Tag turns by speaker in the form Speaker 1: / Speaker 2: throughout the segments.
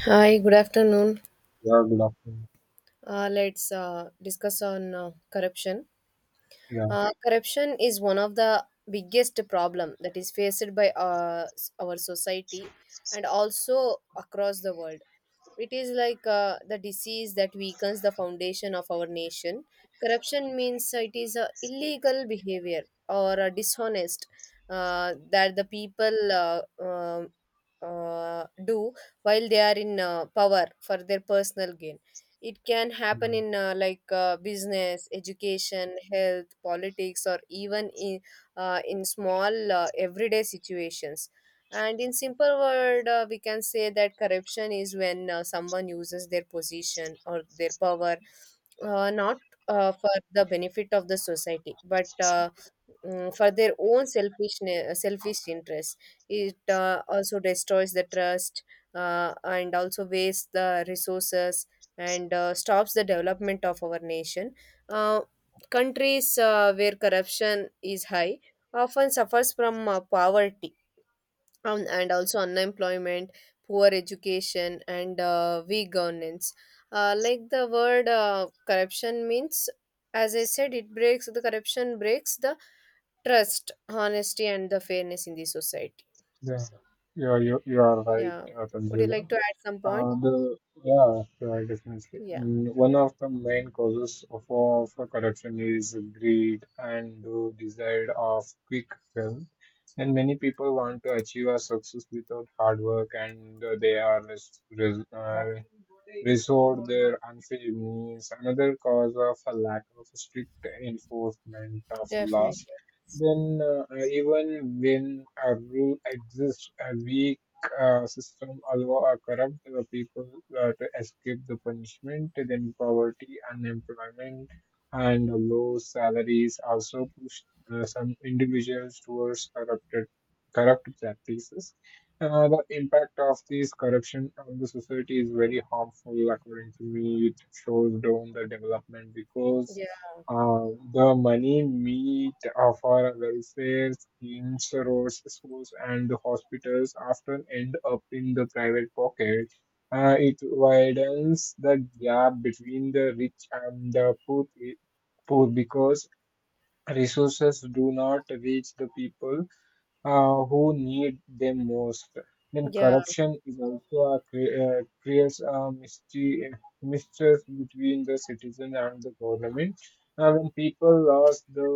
Speaker 1: Hi, good afternoon.
Speaker 2: Yeah, good afternoon.
Speaker 1: Let's discuss on corruption.
Speaker 2: Yeah,
Speaker 1: Corruption is one of the biggest problem that is faced by our society and also across the world. It is like the disease that weakens the foundation of our nation. Corruption means it is a illegal behavior or a dishonest, that the people do while they are in power for their personal gain. It can happen
Speaker 2: yeah,
Speaker 1: in business, education, health, politics, or even in small everyday situations. And in simple word, we can say that corruption is when someone uses their position or their power, not for the benefit of the society, but for their own selfish interests. It also destroys the trust, and also wastes the resources, and stops the development of our nation. Uh, Countries where corruption is high often suffers from poverty, and also unemployment, poor education, and weak governance. Like the word corruption means, as I said, it breaks the corruption breaks the trust, honesty, and the fairness in the society.
Speaker 2: yeah, yeah. You are right,
Speaker 1: Yeah. Would you
Speaker 2: Tanzila.
Speaker 1: like to add some point?
Speaker 2: The Yeah, yeah, definitely.
Speaker 1: Yeah.
Speaker 2: Mm, one of the main causes of corruption is greed and the desire of quick wealth. And many people want to achieve a success without hard work, and they are resort their unfair means. Another cause of a lack of strict enforcement of
Speaker 1: Definitely.
Speaker 2: laws. Then, even when a rule exists, a weak system allow a corrupt people to escape the punishment. Then, poverty, unemployment, and low salaries also push some individuals towards corrupt practices. The impact of this corruption on the society is very harmful, according to me. It shows down the development because
Speaker 1: Yeah.
Speaker 2: uh, the money meet for welfare schemes, roads, schools, and the hospitals often end up in the private pocket. It widens the gap between the rich and the poor, poor because resources do not reach the people who need them most. Then
Speaker 1: Yeah.
Speaker 2: corruption is also creates a mystery, mistrust between the citizen and the government. When people lost the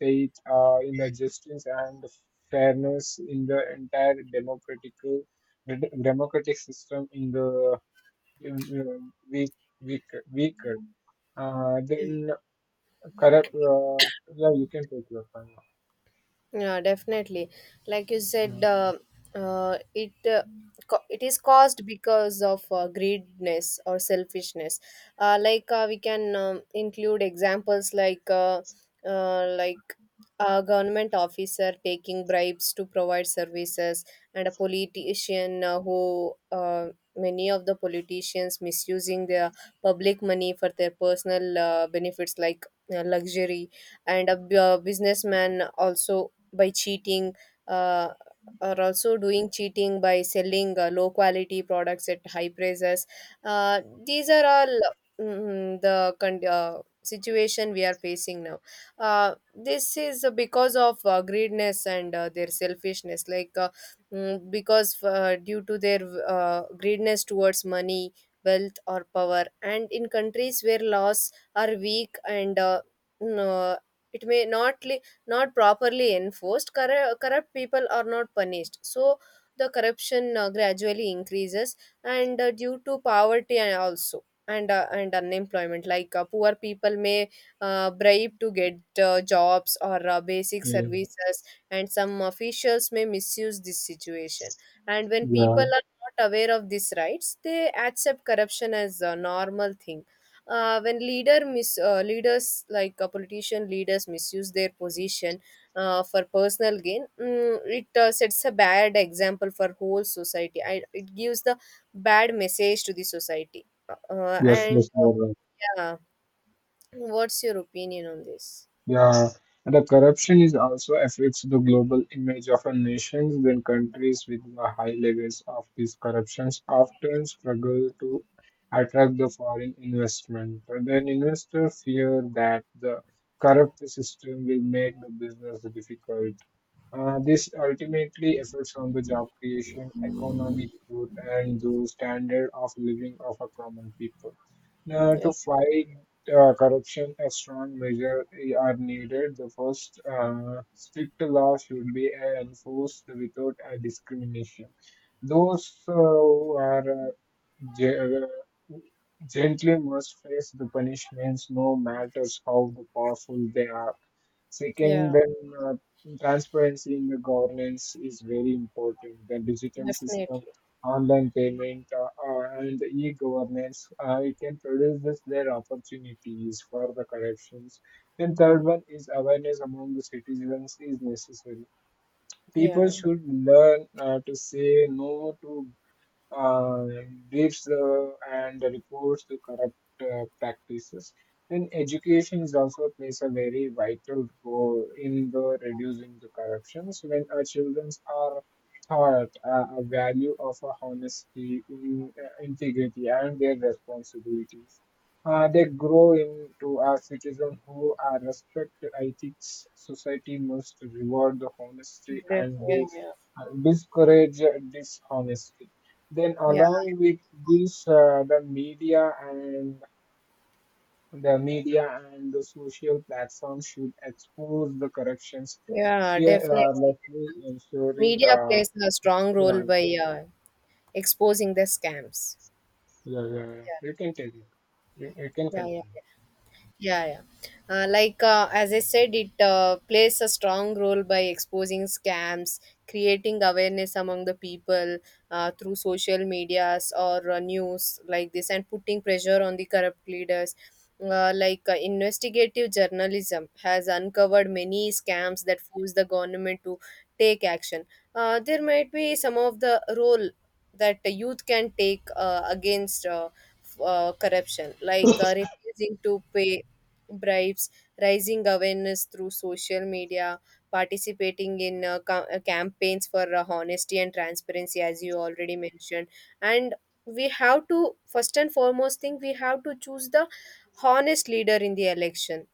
Speaker 2: faith in the justice and fairness in the entire democratic system in the in, weak weak weaker. Then corrupt. Yeah, you can take your time.
Speaker 1: Yeah, definitely. Like you said, uh, it uh, it is caused because of greediness or selfishness. Like we can include examples like a government officer taking bribes to provide services, and a politician who many of the politicians misusing their public money for their personal benefits like luxury, and a businessman also by cheating, uh, or also doing cheating by selling low quality products at high prices. These are all situation we are facing now. This is because of greediness and their selfishness, like because due to their greediness towards money, wealth, or power. And in countries where laws are weak and no, it may not not properly enforced, corrupt people are not punished. So the corruption gradually increases, and due to poverty and also and unemployment, like poor people may bribe to get jobs or basic
Speaker 2: Yeah.
Speaker 1: services, and some officials may misuse this situation. And when people
Speaker 2: Yeah.
Speaker 1: are not aware of these rights, they accept corruption as a normal thing. When leaders like politician leaders misuse their position for personal gain, it sets a bad example for whole society. It gives the bad message to the society.
Speaker 2: Yes,
Speaker 1: And
Speaker 2: yes, you are right.
Speaker 1: Yeah, what's your opinion on this?
Speaker 2: Yeah, and the corruption is also affects the global image of a nation. Then countries with the high levels of these corruptions often struggle to attract the foreign investment. And then investors fear that the corrupt system will make the business difficult. This ultimately affects on the job creation, economic growth, and the standard of living of a common people. Now,
Speaker 1: Yeah.
Speaker 2: to fight corruption, a strong measure are needed. The first strict law should be enforced without discrimination. Those who are Ge- Gently must face the punishments, no matters how the powerful they are. Second,
Speaker 1: Yeah,
Speaker 2: then uh, transparency in the governance is very important. The digital
Speaker 1: definitely.
Speaker 2: system, online payment, and e-governance, it can produce this, their opportunities for the corruptions. Then third one is awareness among the citizens is necessary. People
Speaker 1: Yeah.
Speaker 2: should learn to say no to uh, briefs and reports the corrupt practices. And education is also plays a very vital role in the reducing the corruptions. When our children are taught a value of honesty, integrity, and their responsibilities, they grow into a citizen who are respect ethics. Society must reward the honesty
Speaker 1: Def-
Speaker 2: and
Speaker 1: yeah,
Speaker 2: the,
Speaker 1: yeah,
Speaker 2: discourage dishonesty. Then
Speaker 1: yeah,
Speaker 2: along with this, the media and the social platforms should expose the corrections.
Speaker 1: yeah.
Speaker 2: Fear,
Speaker 1: definitely,
Speaker 2: let me ensuring.
Speaker 1: media plays a strong
Speaker 2: Yeah,
Speaker 1: role by exposing the scams.
Speaker 2: yeah
Speaker 1: Yeah,
Speaker 2: You can take it. You can
Speaker 1: yeah, yeah.
Speaker 2: continue.
Speaker 1: Yeah, yeah. Like as I said, it plays a strong role by exposing scams, creating awareness among the people through social medias or news like this, and putting pressure on the corrupt leaders. Like investigative journalism has uncovered many scams that force the government to take action. There might be some of the role that the youth can take against corruption, like refusing to pay bribes, rising awareness through social media, participating in campaigns for honesty and transparency, as you already mentioned. And we have to, first and foremost thing, we have to choose the honest leader in the election.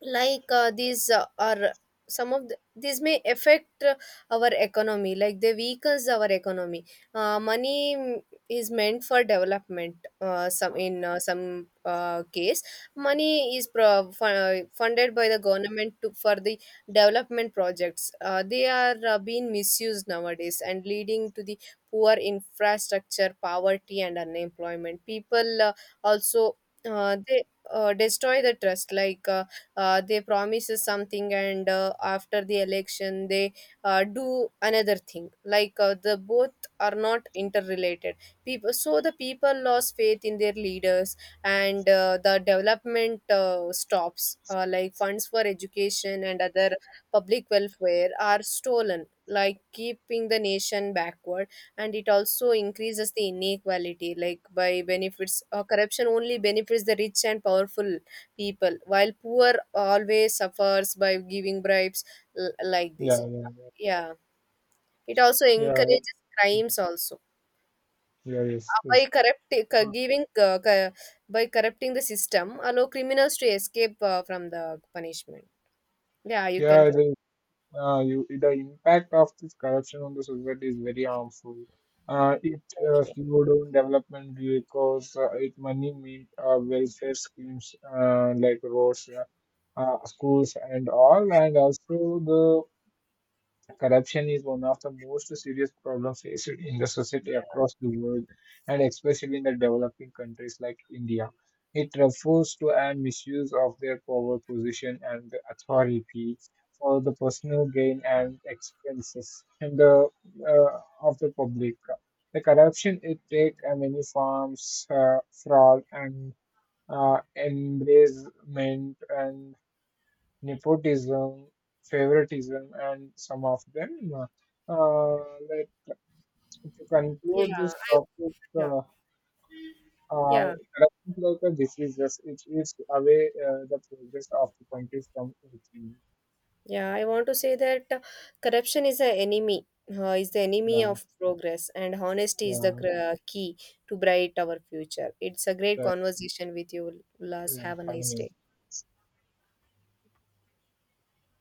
Speaker 1: Like these are some of the, these may affect our economy, like they weakens our economy. Money, is meant for development. Some case money is funded by the government to, for the development projects. They are being misused nowadays and leading to the poor infrastructure, poverty, and unemployment. People also they destroy the trust, like they promises something and after the election they do another thing, like the both are not interrelated people, so the people lost faith in their leaders. And the development stops, like funds for education and other public welfare are stolen, like keeping the nation backward. And it also increases the inequality, like by benefits, corruption only benefits the rich and powerful people, while poor always suffers by giving bribes. Like this.
Speaker 2: Yeah, yeah,
Speaker 1: Yeah, it also
Speaker 2: yeah,
Speaker 1: encourages crimes also.
Speaker 2: yeah. Yes,
Speaker 1: By
Speaker 2: yes.
Speaker 1: corrupt c-
Speaker 2: Uh,
Speaker 1: giving c- By corrupting the system allow criminals to escape from the punishment. Yeah, you can
Speaker 2: Yeah,
Speaker 1: correct
Speaker 2: the impact of this corruption on the society is very harmful.
Speaker 1: it.
Speaker 2: It
Speaker 1: Definitely.
Speaker 2: slow down development because it money mean welfare schemes like roads, schools, and all, and also the. Corruption is one of the most serious problems faced in the society across the world and especially in the developing countries like India. It refers to a misuse of their power position and authority for the personal gain and expenses and uh, of the public. The corruption it takes many forms, fraud and embezzlement and nepotism, favoritism, and some of them. Uh, like to conclude
Speaker 1: Yeah.
Speaker 2: this
Speaker 1: I,
Speaker 2: topic,
Speaker 1: yeah. Yeah,
Speaker 2: corruption like a disease, yes, it eats away the progress of the country from its.
Speaker 1: yeah. I want to say that corruption is the enemy
Speaker 2: Yeah,
Speaker 1: of progress, and honesty is the
Speaker 2: yeah,
Speaker 1: key to bright our future. It's a great
Speaker 2: that,
Speaker 1: conversation with you, Ulas.
Speaker 2: yeah,
Speaker 1: Have a nice
Speaker 2: having
Speaker 1: day.